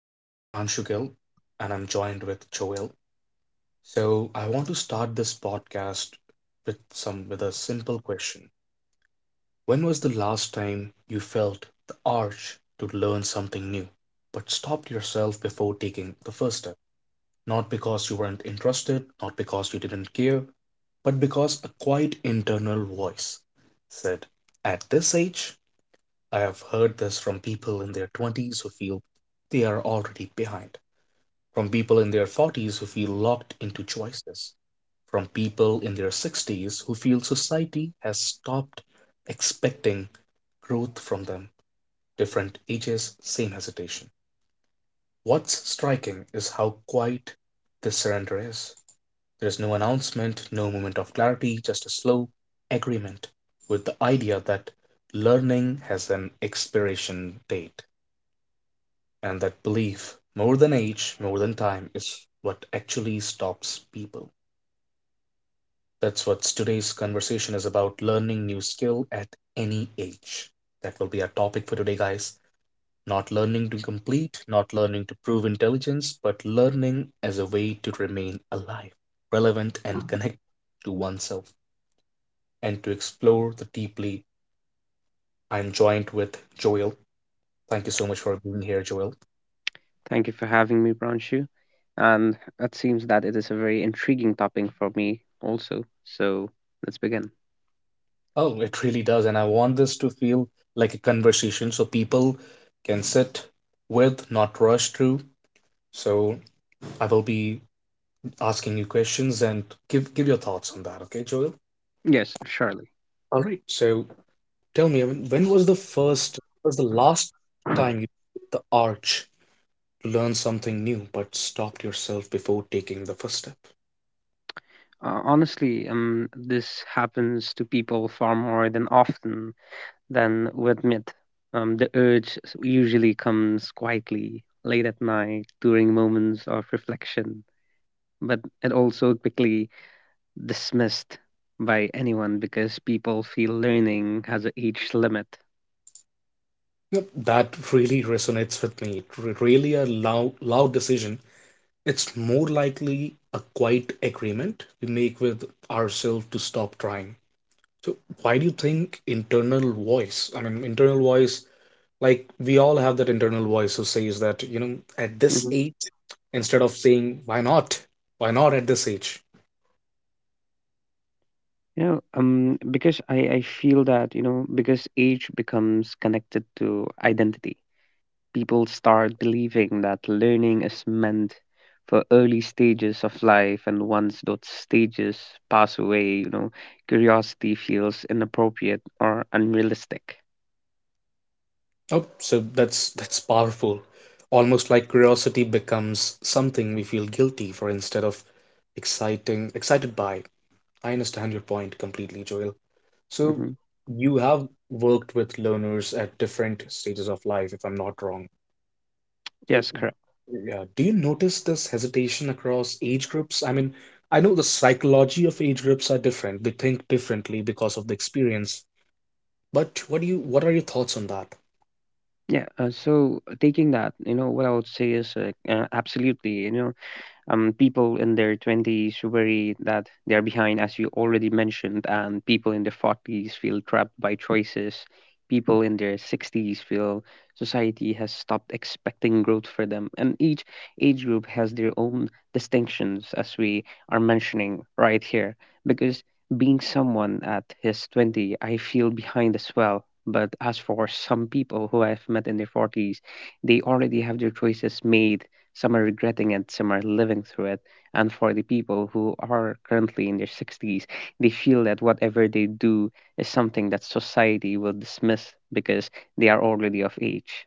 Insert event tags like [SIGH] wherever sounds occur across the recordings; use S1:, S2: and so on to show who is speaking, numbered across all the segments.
S1: My name is Pranshu Gill, and I'm joined with Joel. So, I want to start this podcast with some with a simple question. When was the last time you felt the urge to learn something new, but stopped yourself before taking the first step? Not because you weren't interested, not because you didn't care, but because a quiet internal voice said, "At this age, I have heard this from people in their twenties who feel they are already behind, from people in their forties who feel locked into choices, from people in their sixties who feel society has stopped expecting growth from them. Different ages, same hesitation. What's striking is how quiet this surrender is. There is no announcement, no moment of clarity, just a slow agreement with the idea that learning has an expiration date. And that belief, more than age, more than time, is what actually stops people. That's what today's conversation is about: learning new skill at any age. That will be our topic for today, guys. Not learning to complete, not learning to prove intelligence, but learning as a way to remain alive, relevant, and connect to oneself. And to explore the deeply, I'm joined with Joel. Thank you so much for being here, Joel.
S2: Thank you for having me, Pranshu. And it seems that it is a very intriguing topic for me also. So let's begin.
S1: Oh, it really does. And I want this to feel like a conversation so people can sit with, not rush through. So I will be asking you questions and give your thoughts on that, okay, Joel?
S2: Yes, surely.
S1: All right. So tell me, when was the last time you hit the arch to learn something new, but stopped yourself before taking the first step?
S2: Honestly, this happens to people far more than often than we admit. The urge usually comes quietly, late at night, during moments of reflection, but it also quickly dismissed by anyone because people feel learning has a age limit.
S1: Yep, that really resonates with me. It really a loud, loud decision. It's more likely a quiet agreement we make with ourselves to stop trying. So, why do you think internal voice? I mean, internal voice, like we all have that internal voice who says that, at this age, instead of saying, why not? Why not at this age?
S2: Yeah, because I feel that, you know, because age becomes connected to identity, people start believing that learning is meant for early stages of life, and once those stages pass away, you know, curiosity feels inappropriate or unrealistic.
S1: Oh, so that's powerful. Almost like curiosity becomes something we feel guilty for instead of exciting excited by. I understand your point completely, Joel. So
S2: hmm
S1: you have worked with learners at different stages of life, if I'm not wrong. So
S2: Yes, correct.
S1: yeah, do you notice this hesitation across age groups? I mean, I know the psychology of age groups are different. They think differently because of the experience. But what are your thoughts on that?
S2: Yeah, so taking that, you know, what I would say is absolutely, you know, people in their 20s worry that they're behind, as you already mentioned, and people in their 40s feel trapped by choices. People in their 60s feel society has stopped expecting growth for them. And each age group has their own distinctions, as we are mentioning right here. Because being someone at his 20, I feel behind as well. But as for some people who I've met in their 40s, they already have their choices made, some are regretting it, some are living through it. And for the people who are currently in their 60s, they feel that whatever they do is something that society will dismiss because they are already of age.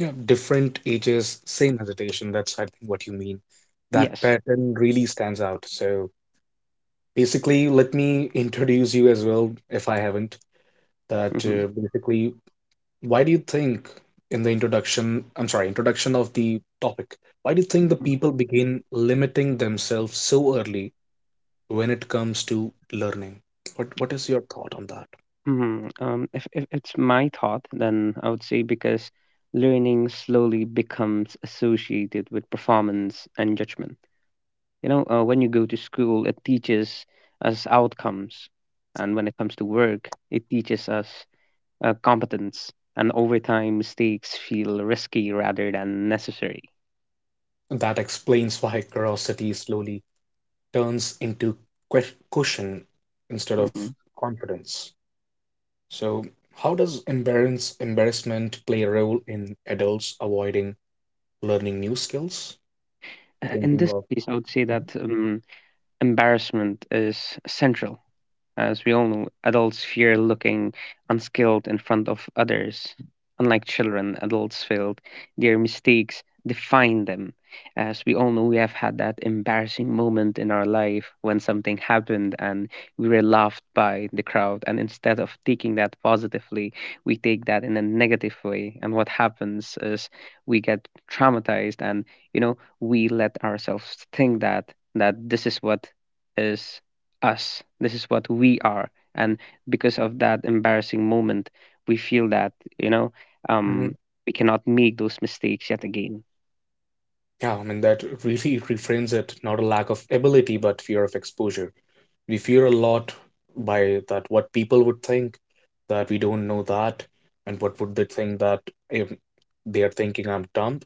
S1: Yeah, different ages, same hesitation. That's, I think, what you mean. That
S2: Yes.
S1: pattern really stands out. So basically, let me introduce you as well, if I haven't. That
S2: hmm
S1: basically Why do you think, in the introduction, I'm sorry, introduction of the topic, why do you think the
S2: hmm [LAUGHS]
S1: people begin limiting themselves so early when it comes to learning? What is your thought on that?
S2: If, it's my thought, then I would say because learning slowly becomes associated with performance and judgment. You know, when you go to school, it teaches us outcomes. And when it comes to work, it teaches us competence, and over time, mistakes feel risky rather than necessary.
S1: That explains why curiosity slowly turns into caution instead of
S2: Mhm.
S1: confidence. So, how does embarrassment play a role in adults avoiding learning new skills?
S2: In
S1: Thinking
S2: this
S1: of
S2: case, I would say
S1: Mhm.
S2: that embarrassment is central. As we all know, adults fear looking unskilled in front of others. Unlike children, adults feel their mistakes define them. As we all know, we have had that embarrassing moment in our life when something happened and we were laughed by the crowd. And instead of taking that positively, we take that in a negative way. And what happens is we get traumatized, and, you know, we let ourselves think that this is what is us. This is what we are. And because of that embarrassing moment, we feel that, you know, um, we cannot make those mistakes yet again.
S1: Yeah, I mean, that really reframes it, not a lack of ability, but fear of exposure. We fear a lot by that what people would think, that we don't know that, and what would they think that if they are thinking I'm dumb.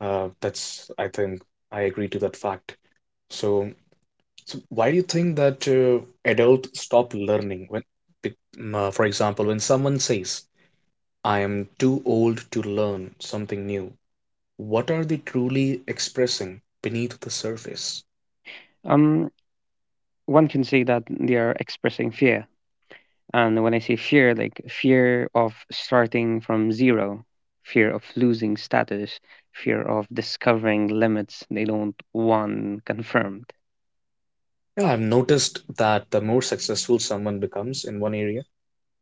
S1: That's, I think, I agree to that fact. So, so why do you think that adults stop learning when, for example, when someone says, I am too old to learn something new, what are they truly expressing beneath the surface?
S2: Um, one can say that they are expressing fear. And when I say fear, like fear of starting from zero, fear of losing status, fear of discovering limits they don't want confirmed.
S1: Yeah, I've noticed that the more successful someone becomes in one area,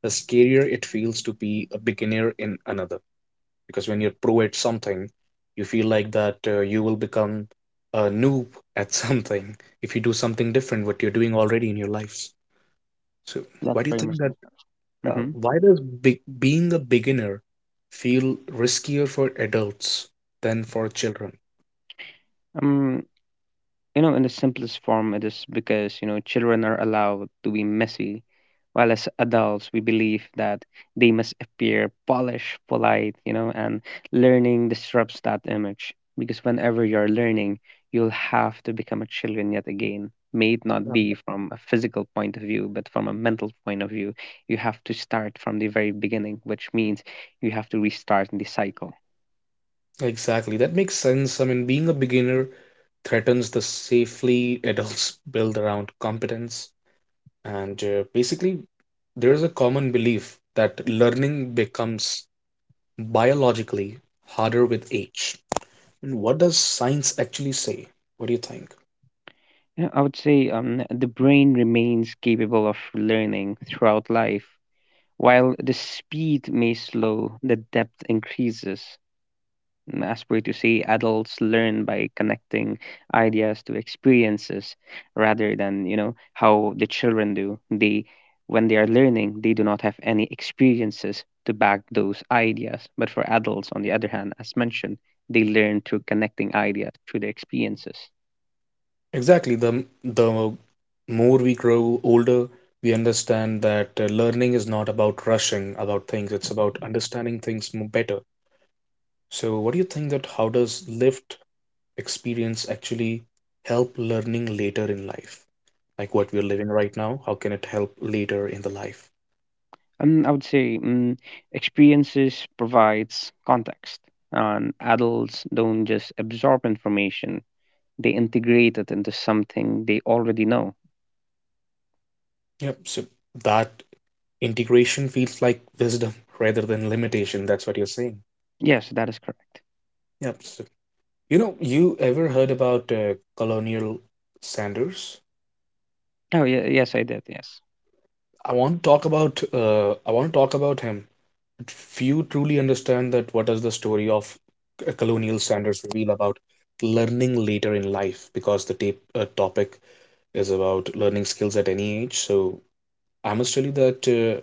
S1: the scarier it feels to be a beginner in another. Because when you're pro at something, you feel like that you will become a noob at [LAUGHS] something if you do something different what you're doing already in your lives. So why
S2: That's
S1: do you
S2: very
S1: think
S2: much.
S1: that?
S2: Mm-hmm.
S1: Why does being a beginner feel riskier for adults than for children?
S2: Um, you know, in the simplest form, it is because, you know, children are allowed to be messy, while as adults, we believe that they must appear polished, polite, you know, and learning disrupts that image. Because whenever you're learning, you'll have to become a children yet again. May it not be from a physical point of view, but from a mental point of view, you have to start from the very beginning, which means you have to restart the cycle.
S1: Exactly. That makes sense. I mean, being a beginner threatens the safely adults [LAUGHS] build around competence. And basically, there's a common belief that learning becomes biologically harder with age. And what does science actually say? What do you think?
S2: You know, I would say the brain remains capable of learning throughout life. While the speed may slow, the depth increases. Mm, as per to say, adults learn by connecting ideas to experiences rather than, you know, how the children do. When they are learning, they do not have any experiences to back those ideas. But for adults, on the other hand, as mentioned, they learn through connecting ideas through their experiences.
S1: Exactly. The more we grow older, we understand that learning is not about rushing about things, it's about understanding things better. So, what do you think that how does lived experience actually help learning later in life? Like what we're living right now, how can it help later in the life?
S2: I would say experiences provides context, and adults don't just absorb information; they integrate it into something they already know.
S1: Yep. So that integration feels like wisdom rather than limitation. That's what you're saying.
S2: Yes, that is correct.
S1: Yep. So, you know, you ever heard about Colonial Sanders?
S2: Oh, yeah, yes, I did. Yes,
S1: I want to talk about him. But few truly understand that what does the story of Colonial Sanders reveal about learning later in life, because the topic is about learning skills at any age. So I must tell you that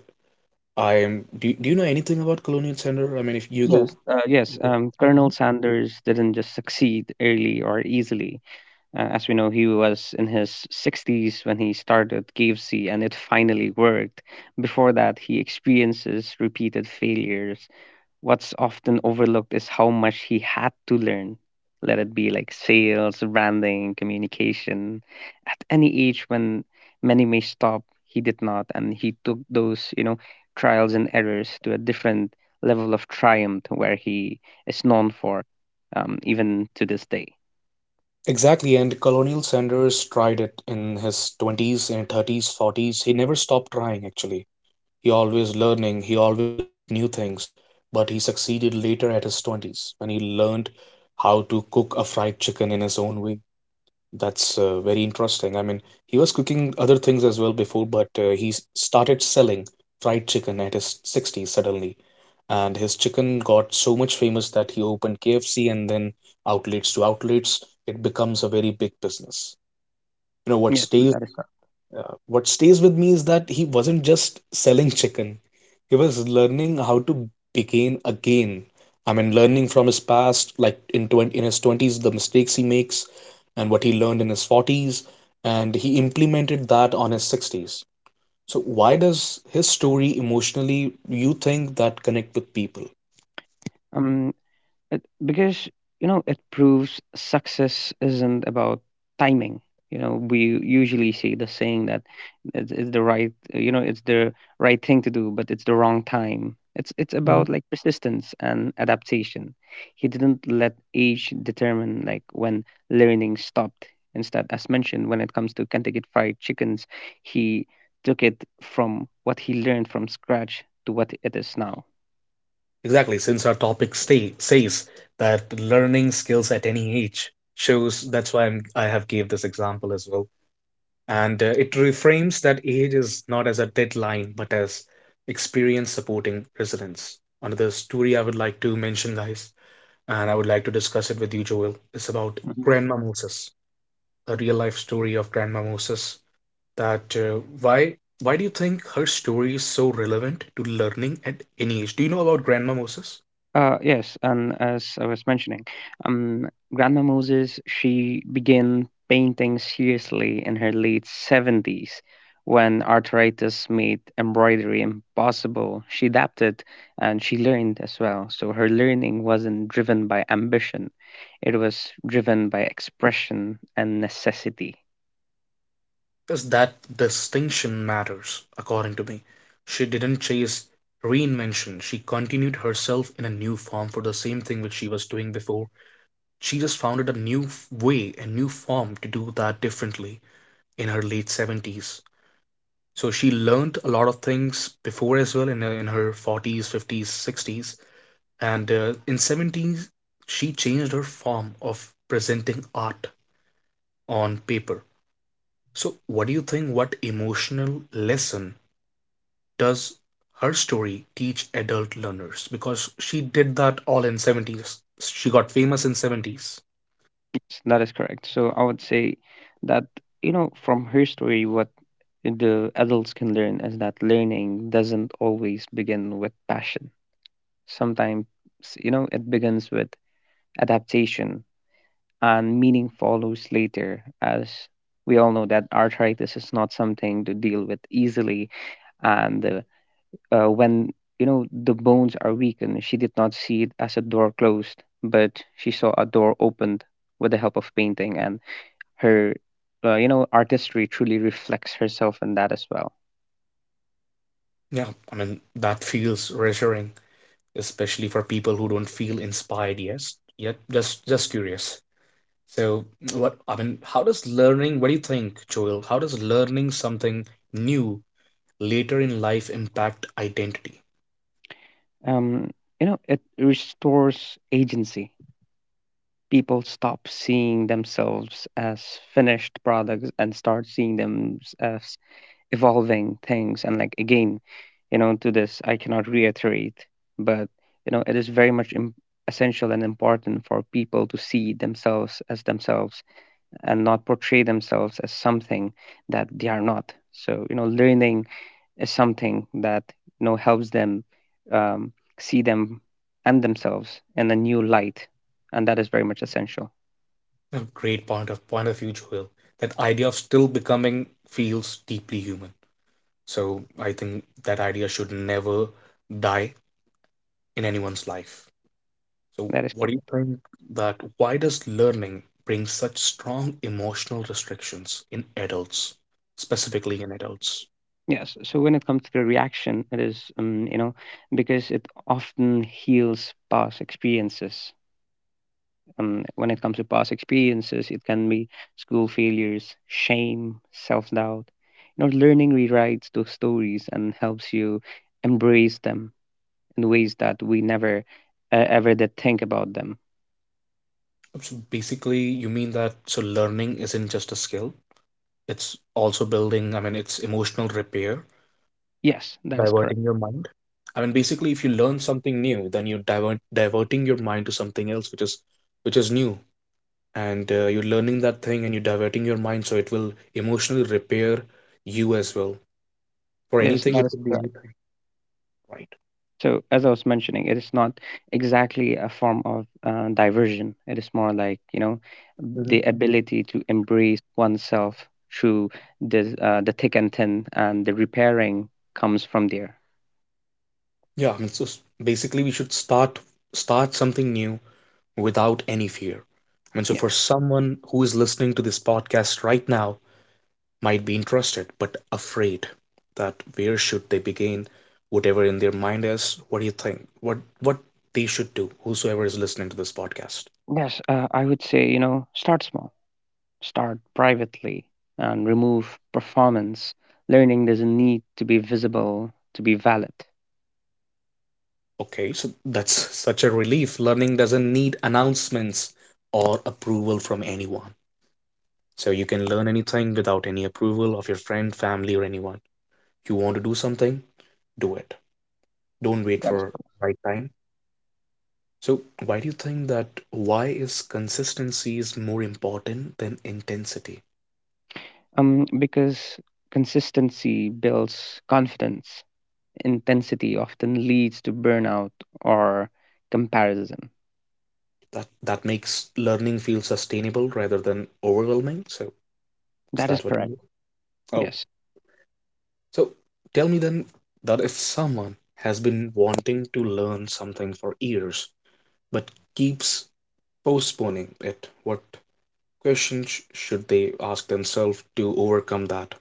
S1: I am. Do you know anything about Colonial Sanders? I mean, if you go.
S2: yes, yes. Colonel
S1: Mhm.
S2: Sanders didn't just succeed early or easily. As we know, he was in his sixties when he started KFC, and it finally worked. Before that, he experiences repeated failures. What's often overlooked is how much he had to learn. Let it be like sales, branding, communication. At any age when many may stop, he did not, and he took those, you know, trials and errors to a different level of triumph where he is known for, even to this day.
S1: Exactly, and Colonial Sanders tried it in his 20s and 30s, 40s. He never stopped trying, actually. He always learning, he always learned new things, but he succeeded later at his 20s when he learned how to cook a fried chicken in his own way. That's very interesting. I mean, he was cooking other things as well before, but he started selling fried chicken at his 60s suddenly. And his chicken got so much famous that he opened KFC and then outlets to outlets. It becomes a very big business. You know what
S2: Yes,
S1: stays
S2: that is correct.
S1: what stays with me is that he wasn't just selling chicken. He was learning how to begin again. I mean, learning from his past, like in 20, in his 20s, the mistakes he makes and what he learned in his 40s, and he implemented that on his 60s. So why does his story emotionally, you think, that connect with people?
S2: Um, It, because you know it proves success isn't about timing. You know, we usually see the saying that it's the right, you know, it's the right thing to do, but it's the wrong time. It's
S1: Mhm.
S2: about like persistence and adaptation. He didn't let age determine like when learning stopped. Instead, as mentioned, when it comes to Kentucky Fried Chickens, he took it from what he learned from scratch to what it is now.
S1: Exactly, since our topic says that learning skills at any age shows that's why I have gave this example as well. And it reframes that age is not as a deadline, but as experience supporting resilience. Another story I would like to mention, guys, and I would like to discuss it with you, Joel, is about
S2: Mm-hmm.
S1: Grandma Moses, a real life story of Grandma Moses. That why do you think her story is so relevant to learning at any age? Do you know about Grandma Moses?
S2: Yes, and as I was mentioning, um, Grandma Moses, she began painting seriously in her late 70s when arthritis made embroidery impossible. She adapted and she learned as well. So her learning wasn't driven by ambition, it was driven by expression and necessity.
S1: Is that distinction matters, according to me. She didn't chase reinvention, she continued herself in a new form for the same thing which she was doing before. She just founded a new way, a new form to do that differently in her late 70s. So she learned a lot of things before as well in her 40s, 50s, 60s. And in 70s, she changed her form of presenting art on paper. So, what do you think? What emotional lesson does her story teach adult learners? Because she did that all in 70s. She got famous in 70s.
S2: Yes, that is correct. So I would say that, you know, from her story, what the adults can learn is that learning doesn't always begin with passion. Sometimes, you know, it begins with adaptation and meaning follows later, as we all know that arthritis is not something to deal with easily. And when, you know, the bones are weakened, she did not see it as a door closed, but she saw a door opened with the help of painting. And her you know artistry truly reflects herself in that as well.
S1: Yeah, I mean that feels reassuring, especially for people who don't feel inspired yet. Yet, just curious. So, what I mean, how does learning? What do you think, Joel? How does learning something new later in life impact identity?
S2: um you know it restores agency. People stop seeing themselves as finished products and start seeing them as evolving things, and like again, you know, to this I cannot reiterate, but you know it is very much essential and important for people to see themselves as themselves and not portray themselves as something that they are not. So you know learning is something that you know helps them, um, see them and themselves in a new light, and that is very much essential.
S1: A great point of view, Joel. That idea of still becoming feels deeply human. So I think that idea should never die in anyone's life. So
S2: That is
S1: what do you
S2: correct.
S1: think that why does learning bring such strong emotional restrictions in adults, specifically in adults?
S2: Yes. So when it comes to the reaction, it is you know because it often heals past experiences. When it comes to past experiences, it can be school failures, shame, self doubt. You know, learning rewrites those stories and helps you embrace them in ways that we never ever did think about them.
S1: So basically, you mean that so learning isn't just a skill, it's also building, I mean, it's emotional repair,
S2: Yes, that is correct.
S1: diverting your mind. I mean, basically, if you learn something new, then you're diverting your mind to something else which is new and you're learning that thing and you're diverting your mind, so it will emotionally repair you as well for
S2: Yes.
S1: anything.
S2: That
S1: It
S2: is
S1: could be
S2: correct.
S1: anything, right?
S2: So as I was mentioning, it is not exactly a form of diversion. It is more like you know
S1: hmm
S2: the ability to embrace oneself through the thick and thin, and the repairing comes from there.
S1: yeah, I mean, so basically we should start something new without any fear. I mean, so
S2: Yeah.
S1: for someone who is listening to this podcast right now, might be interested but afraid, that where should they begin, whatever in their mind is, what do you think, what they should do, whosoever is listening to this podcast?
S2: Yes, I would say you know start small, start privately, and remove performance. Learning doesn't need to be visible to be valid.
S1: Okay, so that's such a relief. Learning doesn't need announcements or approval from anyone. So you can learn anything without any approval of your friend, family, or anyone. You want to do something, do it. Don't wait for right time. So why do you think that why is consistency is more important than intensity?
S2: Because consistency builds confidence, intensity often leads to burnout or comparison.
S1: That that makes learning feel sustainable rather than overwhelming. So is
S2: That is
S1: that what you
S2: correct.
S1: mean? Oh,
S2: Yes.
S1: so tell me then, that if someone has been wanting to learn something for years but keeps postponing it, what questions should they ask themselves to overcome that?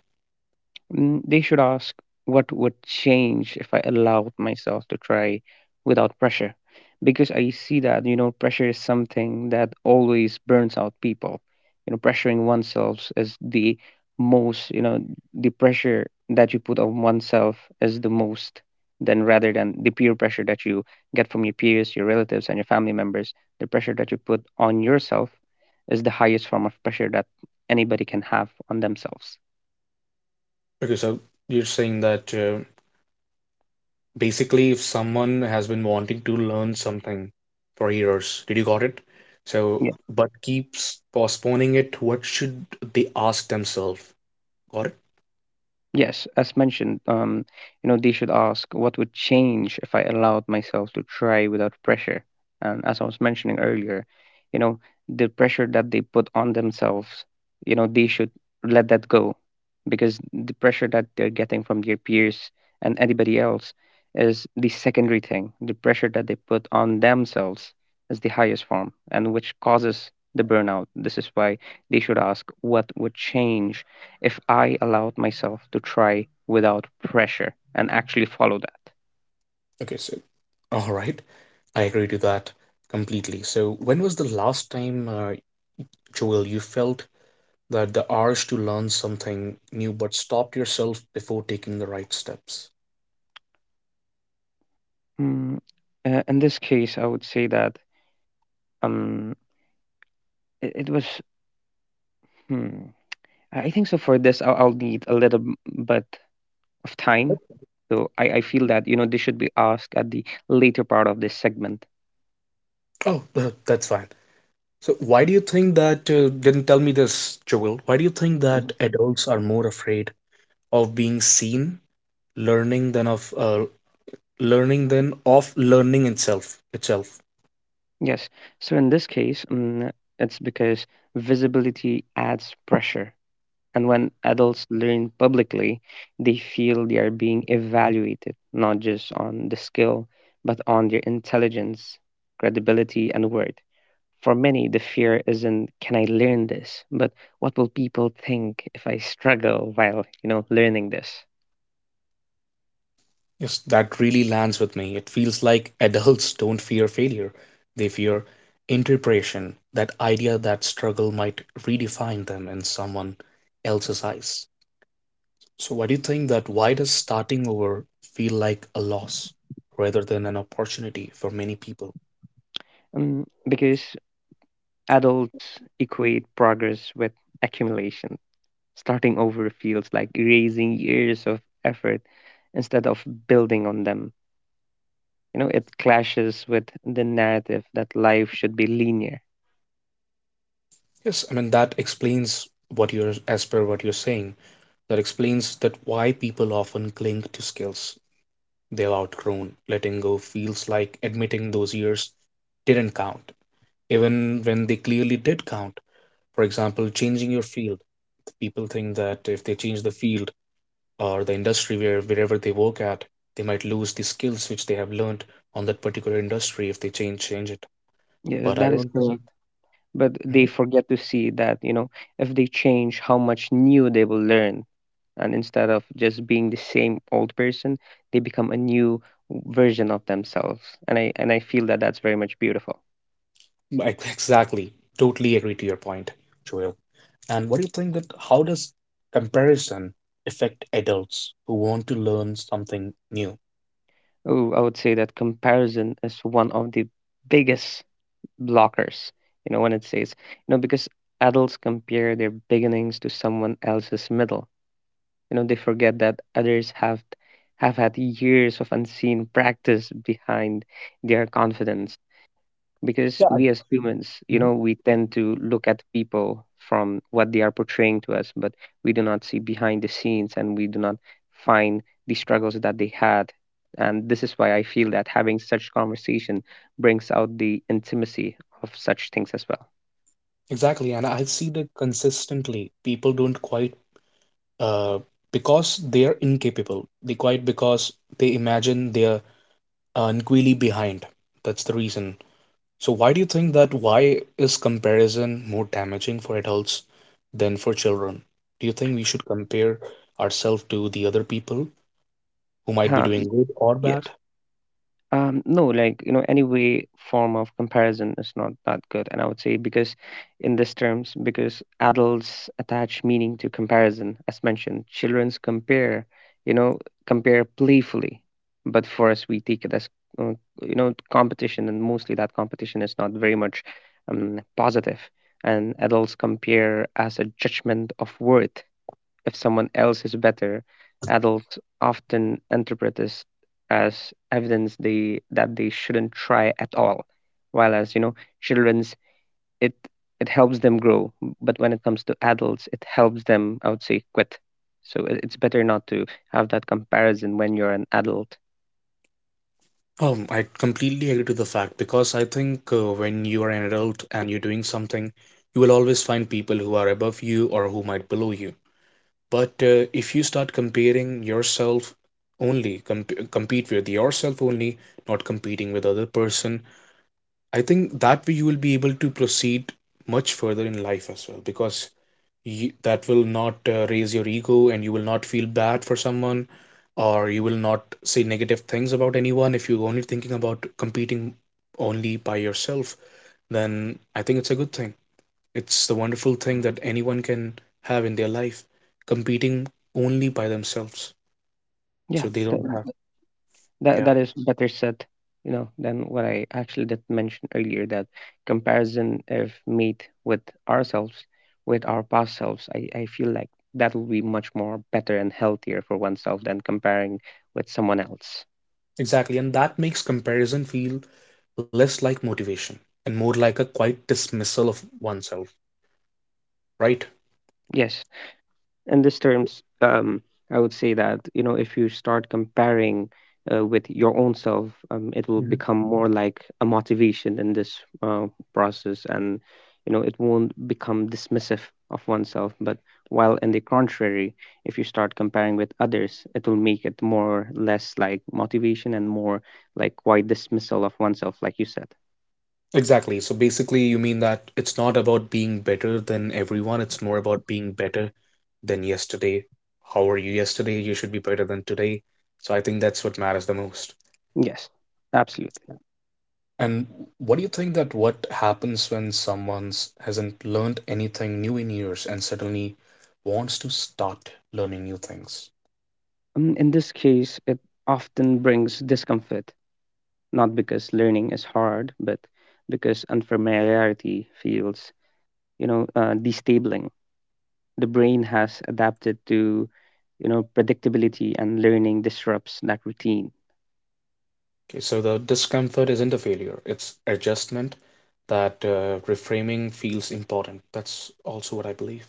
S2: Mm, they should ask what would change if I allowed myself to try without pressure. Because I see that, you know, pressure is something that always burns out people. You know, pressuring oneself is the most, you know, the pressure that you put on oneself is the most than rather than the peer pressure that you get from your peers, your relatives, and your family members. The pressure that you put on yourself is the highest form of pressure that anybody can have on themselves.
S1: Okay, so you're saying that basically if someone has been wanting to learn something for years, did you got it? So but keeps postponing it, what should they ask themselves? Got it?
S2: Yes, as mentioned, you know, they should ask what would change if I allowed myself to try without pressure. And as I was mentioning earlier, you know, the pressure that they put on themselves, you know, they should let that go because the pressure that they're getting from their peers and anybody else is the secondary thing. The pressure that they put on themselves is the highest form and which causes the burnout. This is why they should ask what would change if I allowed myself to try without pressure and actually follow that.
S1: Okay, so all right, I agree to that completely. So, when was the last time, Joel, you felt that the urge to learn something new but stopped yourself before taking the right steps?
S2: Mm, in this case, I would say that um, it, it was. Hmm, I think so. For this, I'll need a little bit of
S1: Yep.
S2: time. So I feel that you know this should be asked at the later part of this segment.
S1: Oh, that's fine. So, why do you think that, didn't tell me this, Joel, why do you think that
S2: Mhm.
S1: adults are more afraid of being seen learning than of learning itself itself?
S2: Yes. So in this case, it's because visibility adds pressure. And when adults learn publicly, they feel they are being evaluated not just on the skill, but on their intelligence, credibility, and worth. For many, the fear isn't can I learn this, but what will people think if I struggle while you know learning this?
S1: Yes, that really lands with me. It feels like adults don't fear failure, they fear interpretation, that idea that struggle might redefine them in someone else's eyes. So, why do you think that why does starting over feel like a loss rather than an opportunity for many people?
S2: Because adults equate progress with accumulation. Starting over feels like erasing years of effort instead of building on them. You know, it clashes with the narrative that life should be linear.
S1: Yes, I mean, that explains as per what you're saying, that explains that why people often cling to skills they've outgrown. Letting go feels like admitting those years didn't count, even when they clearly did count. For example, changing your field. People think that if they change the field or the industry wherever they work at, they might lose the skills which they have learned on that particular industry if they change it.
S2: Yes,
S1: But I
S2: that is
S1: don't think.
S2: correct, but
S1: Hmm?
S2: they forget to see that, you know, if they change, how much new they will learn, and instead of just being the same old person, they become a new version of themselves. And I feel that that's very much beautiful.
S1: [LAUGHS] Right, exactly. Totally agree to your point, Joel. And what do you think that how does comparison affect adults who want to learn something new?
S2: Oh, I would say that comparison is one of the biggest blockers. You know, when it says, you know, because adults compare their beginnings to someone else's middle. You know, they forget that others have had years of unseen practice behind their confidence. Because
S1: Yeah, I-
S2: we as humans, you
S1: mhm,
S2: know, we tend to look at people from what they are portraying to us, but we do not see behind the scenes and we do not find the struggles that they had. And this is why I feel that having such conversation brings out the intimacy of such things as
S1: exactly. And I see that consistently people don't quite uh because they're incapable. They quite because they imagine they're really behind. That's the reason. So why do you think that why is comparison more damaging for adults than for children? Do you think we should compare ourselves to the other people who might be
S2: well.
S1: doing good or
S2: Yeah.
S1: bad?
S2: No, like, you know, any way form of comparison is not that good. And I would say, because in these terms, because adults attach meaning to comparison, as mentioned, children's compare, you know, compare playfully. But for us, we take it as, uh, you know, competition, and mostly that competition is not very much positive. And adults compare as a judgment of worth. If someone else is better, adults often interpret this as evidence they that they shouldn't try at all. While as you know, children's, it it helps them grow, but when it comes to adults, it helps them, I would say, quit. So it's better not to have that comparison when you're an adult.
S1: I completely agree to the fact because I think when you are an adult and you're doing something, you will always find people who are above you or who might below you. But if you start comparing yourself only, compete with yourself only, not competing with other person, I think that way you will be able to proceed much further in life as well because you, that will not raise your ego and you will not feel bad for someone or you will not say negative things about anyone if you're only thinking about competing only by yourself, then I think it's a good thing. It's the wonderful thing that anyone can have in their life, competing only by themselves.
S2: Yeah,
S1: So they
S2: th-
S1: don't have.
S2: That
S1: Yeah.
S2: that is better said, you know, than what I actually did mention earlier, that comparison of meat with ourselves, with our past selves, I feel like that will be much more better and healthier for oneself than comparing with someone else.
S1: Exactly, and that makes comparison feel less like motivation and more like a quiet dismissal of oneself, right?
S2: Yes. In this terms, I would say that, you know, if you start comparing with your own self, it will
S1: Mhm.
S2: become more like a motivation in this process, and you know it won't become dismissive of oneself. But while in the contrary, if you start comparing with others, it will make it more less like motivation and more like quite dismissal of oneself, like you said.
S1: Exactly. So basically, you mean that it's not about being better than everyone, it's more about being better than yesterday. How were you yesterday? You should be better than today. So I think that's what matters the most.
S2: Yes, absolutely.
S1: And what do you think that what happens when someone hasn't learned anything new in years and suddenly wants to start learning new things?
S2: In this case, it often brings discomfort, not because learning is hard, but because unfamiliarity feels, you know, destabling. The brain has adapted to, you know, predictability, and learning disrupts that routine.
S1: Okay, so the discomfort isn't a failure, it's adjustment that reframing feels important. That's also what I believe.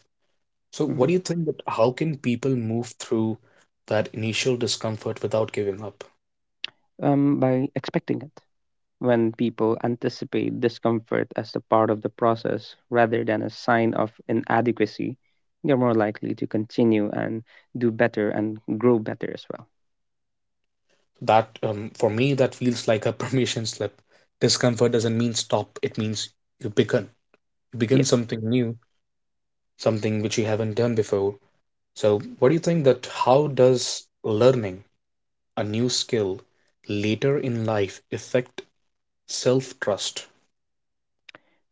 S1: So, what do
S2: Mhm.
S1: you think that how can people move through that initial discomfort without giving up?
S2: By expecting it. When people anticipate discomfort as a part of the process rather than a sign of inadequacy, they're more likely to continue and do better and grow better as well.
S1: That for me, that feels like a [LAUGHS] permission slip. Discomfort doesn't mean stop, it means you begin. You
S2: Yeah.
S1: begin something new, something which you haven't done before. So, what do you think that how does learning a new skill later in life affect self-trust?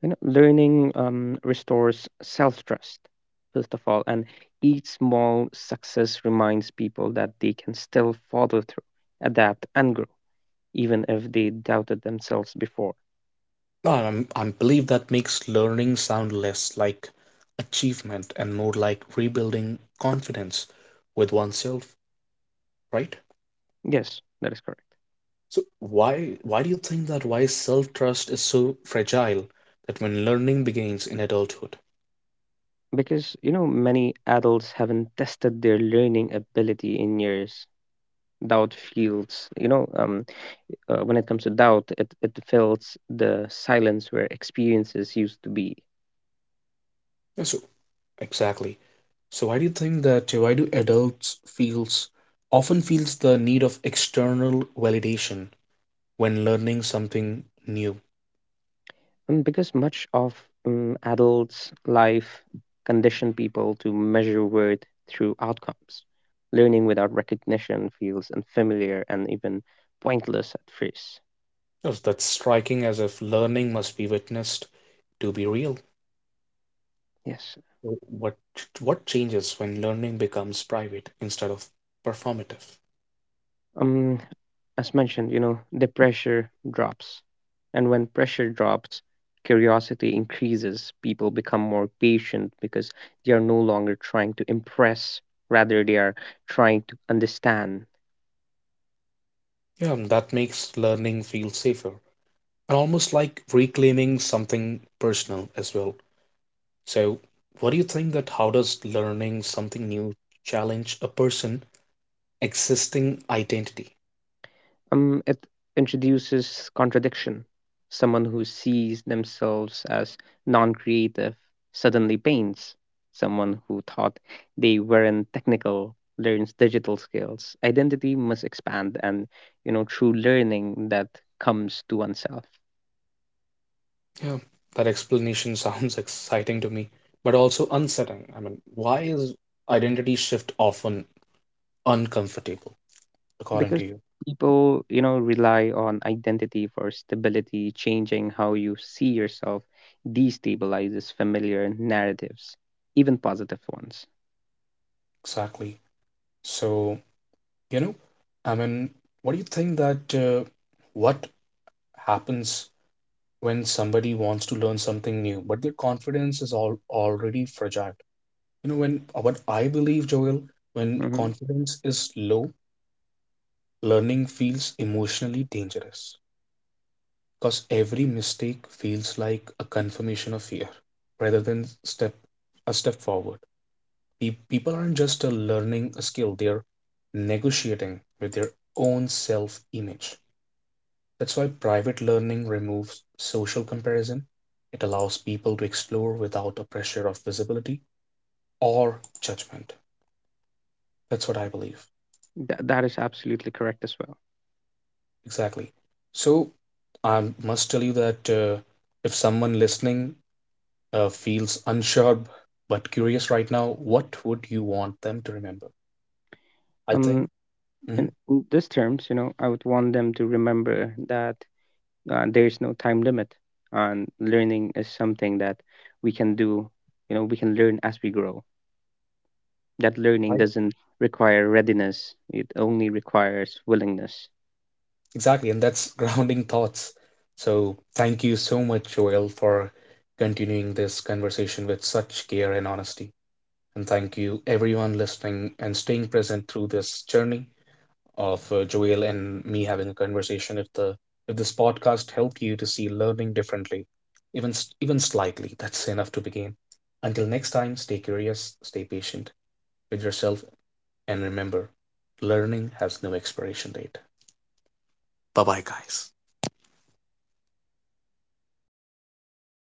S2: You know, learning restores self trust, first of all, and each small success reminds people that they can still follow through, adapt, and grow, even if they doubted themselves before.
S1: I believe that makes learning sound less like achievement and more like rebuilding confidence with oneself, right?
S2: Yes, that is correct.
S1: So why do you think that why self-trust is so fragile that when learning begins in adulthood?
S2: Because, you know, many adults haven't tested their learning ability in years. Doubt feels, you know, when it comes to doubt, it fills the silence where experiences used to be.
S1: Yeah, so exactly. So why do you think that why do adults feels often feels the need of external validation when learning something new?
S2: Because much of adults' life condition people to measure worth through outcomes. Learning without recognition feels unfamiliar and even pointless at first.
S1: Yes, that's striking, as if learning must be witnessed to be real.
S2: Yes.
S1: What what changes when learning becomes private instead of performative?
S2: Um, as mentioned, you know, the pressure drops. And when pressure drops, curiosity increases. People become more patient because they are no longer trying to impress, rather, they are trying to understand.
S1: Yeah, and that makes learning feel safer and almost like reclaiming something personal as well. So, what do you think that how does learning something new challenge a person existing identity?
S2: It introduces contradiction. Someone who sees themselves as non creative suddenly paints. Someone who thought they weren't technical learns digital skills. Identity must expand and, you know, true learning that comes to oneself.
S1: Yeah, that explanation [LAUGHS] sounds exciting to me, but also unsettling. I mean, why is identity shift often uncomfortable, according
S2: Because
S1: to you?
S2: people, you know, rely on identity for stability, changing how you see yourself destabilizes familiar narratives, even positive ones.
S1: Exactly. So, you know, I mean, what do you think that what happens when somebody wants to learn something new, but their confidence is all already fragile? You know, when what I believe, Joel, when
S2: Mm-hmm.
S1: confidence is low, learning feels emotionally dangerous because every mistake feels like a confirmation of fear rather than step a step forward. People aren't just learning a skill, they're negotiating with their own self image. That's why private learning removes social comparison. It allows people to explore without the pressure of visibility or judgment. That's what I believe.
S2: That is absolutely correct as well.
S1: Exactly. So I must tell you that if someone listening feels unsure but curious right now, what would you want them to remember? I think.
S2: Um, in,
S1: Mhm.
S2: in these terms, you know, I would want them to remember that, there is no time limit, and learning is something that we can do. You know, we can learn as we grow. That learning doesn't require readiness; it only requires willingness.
S1: Exactly, and that's [LAUGHS] grounding thoughts. So thank you so much, Joel, for continuing this conversation with such care and honesty. And thank you, everyone listening and staying present through this journey of Joel and me having a conversation. If this podcast helped you to see learning differently, even even slightly, that's enough to begin. Until next time, stay curious, stay patient with yourself, and remember, learning has no expiration date. Bye bye, guys.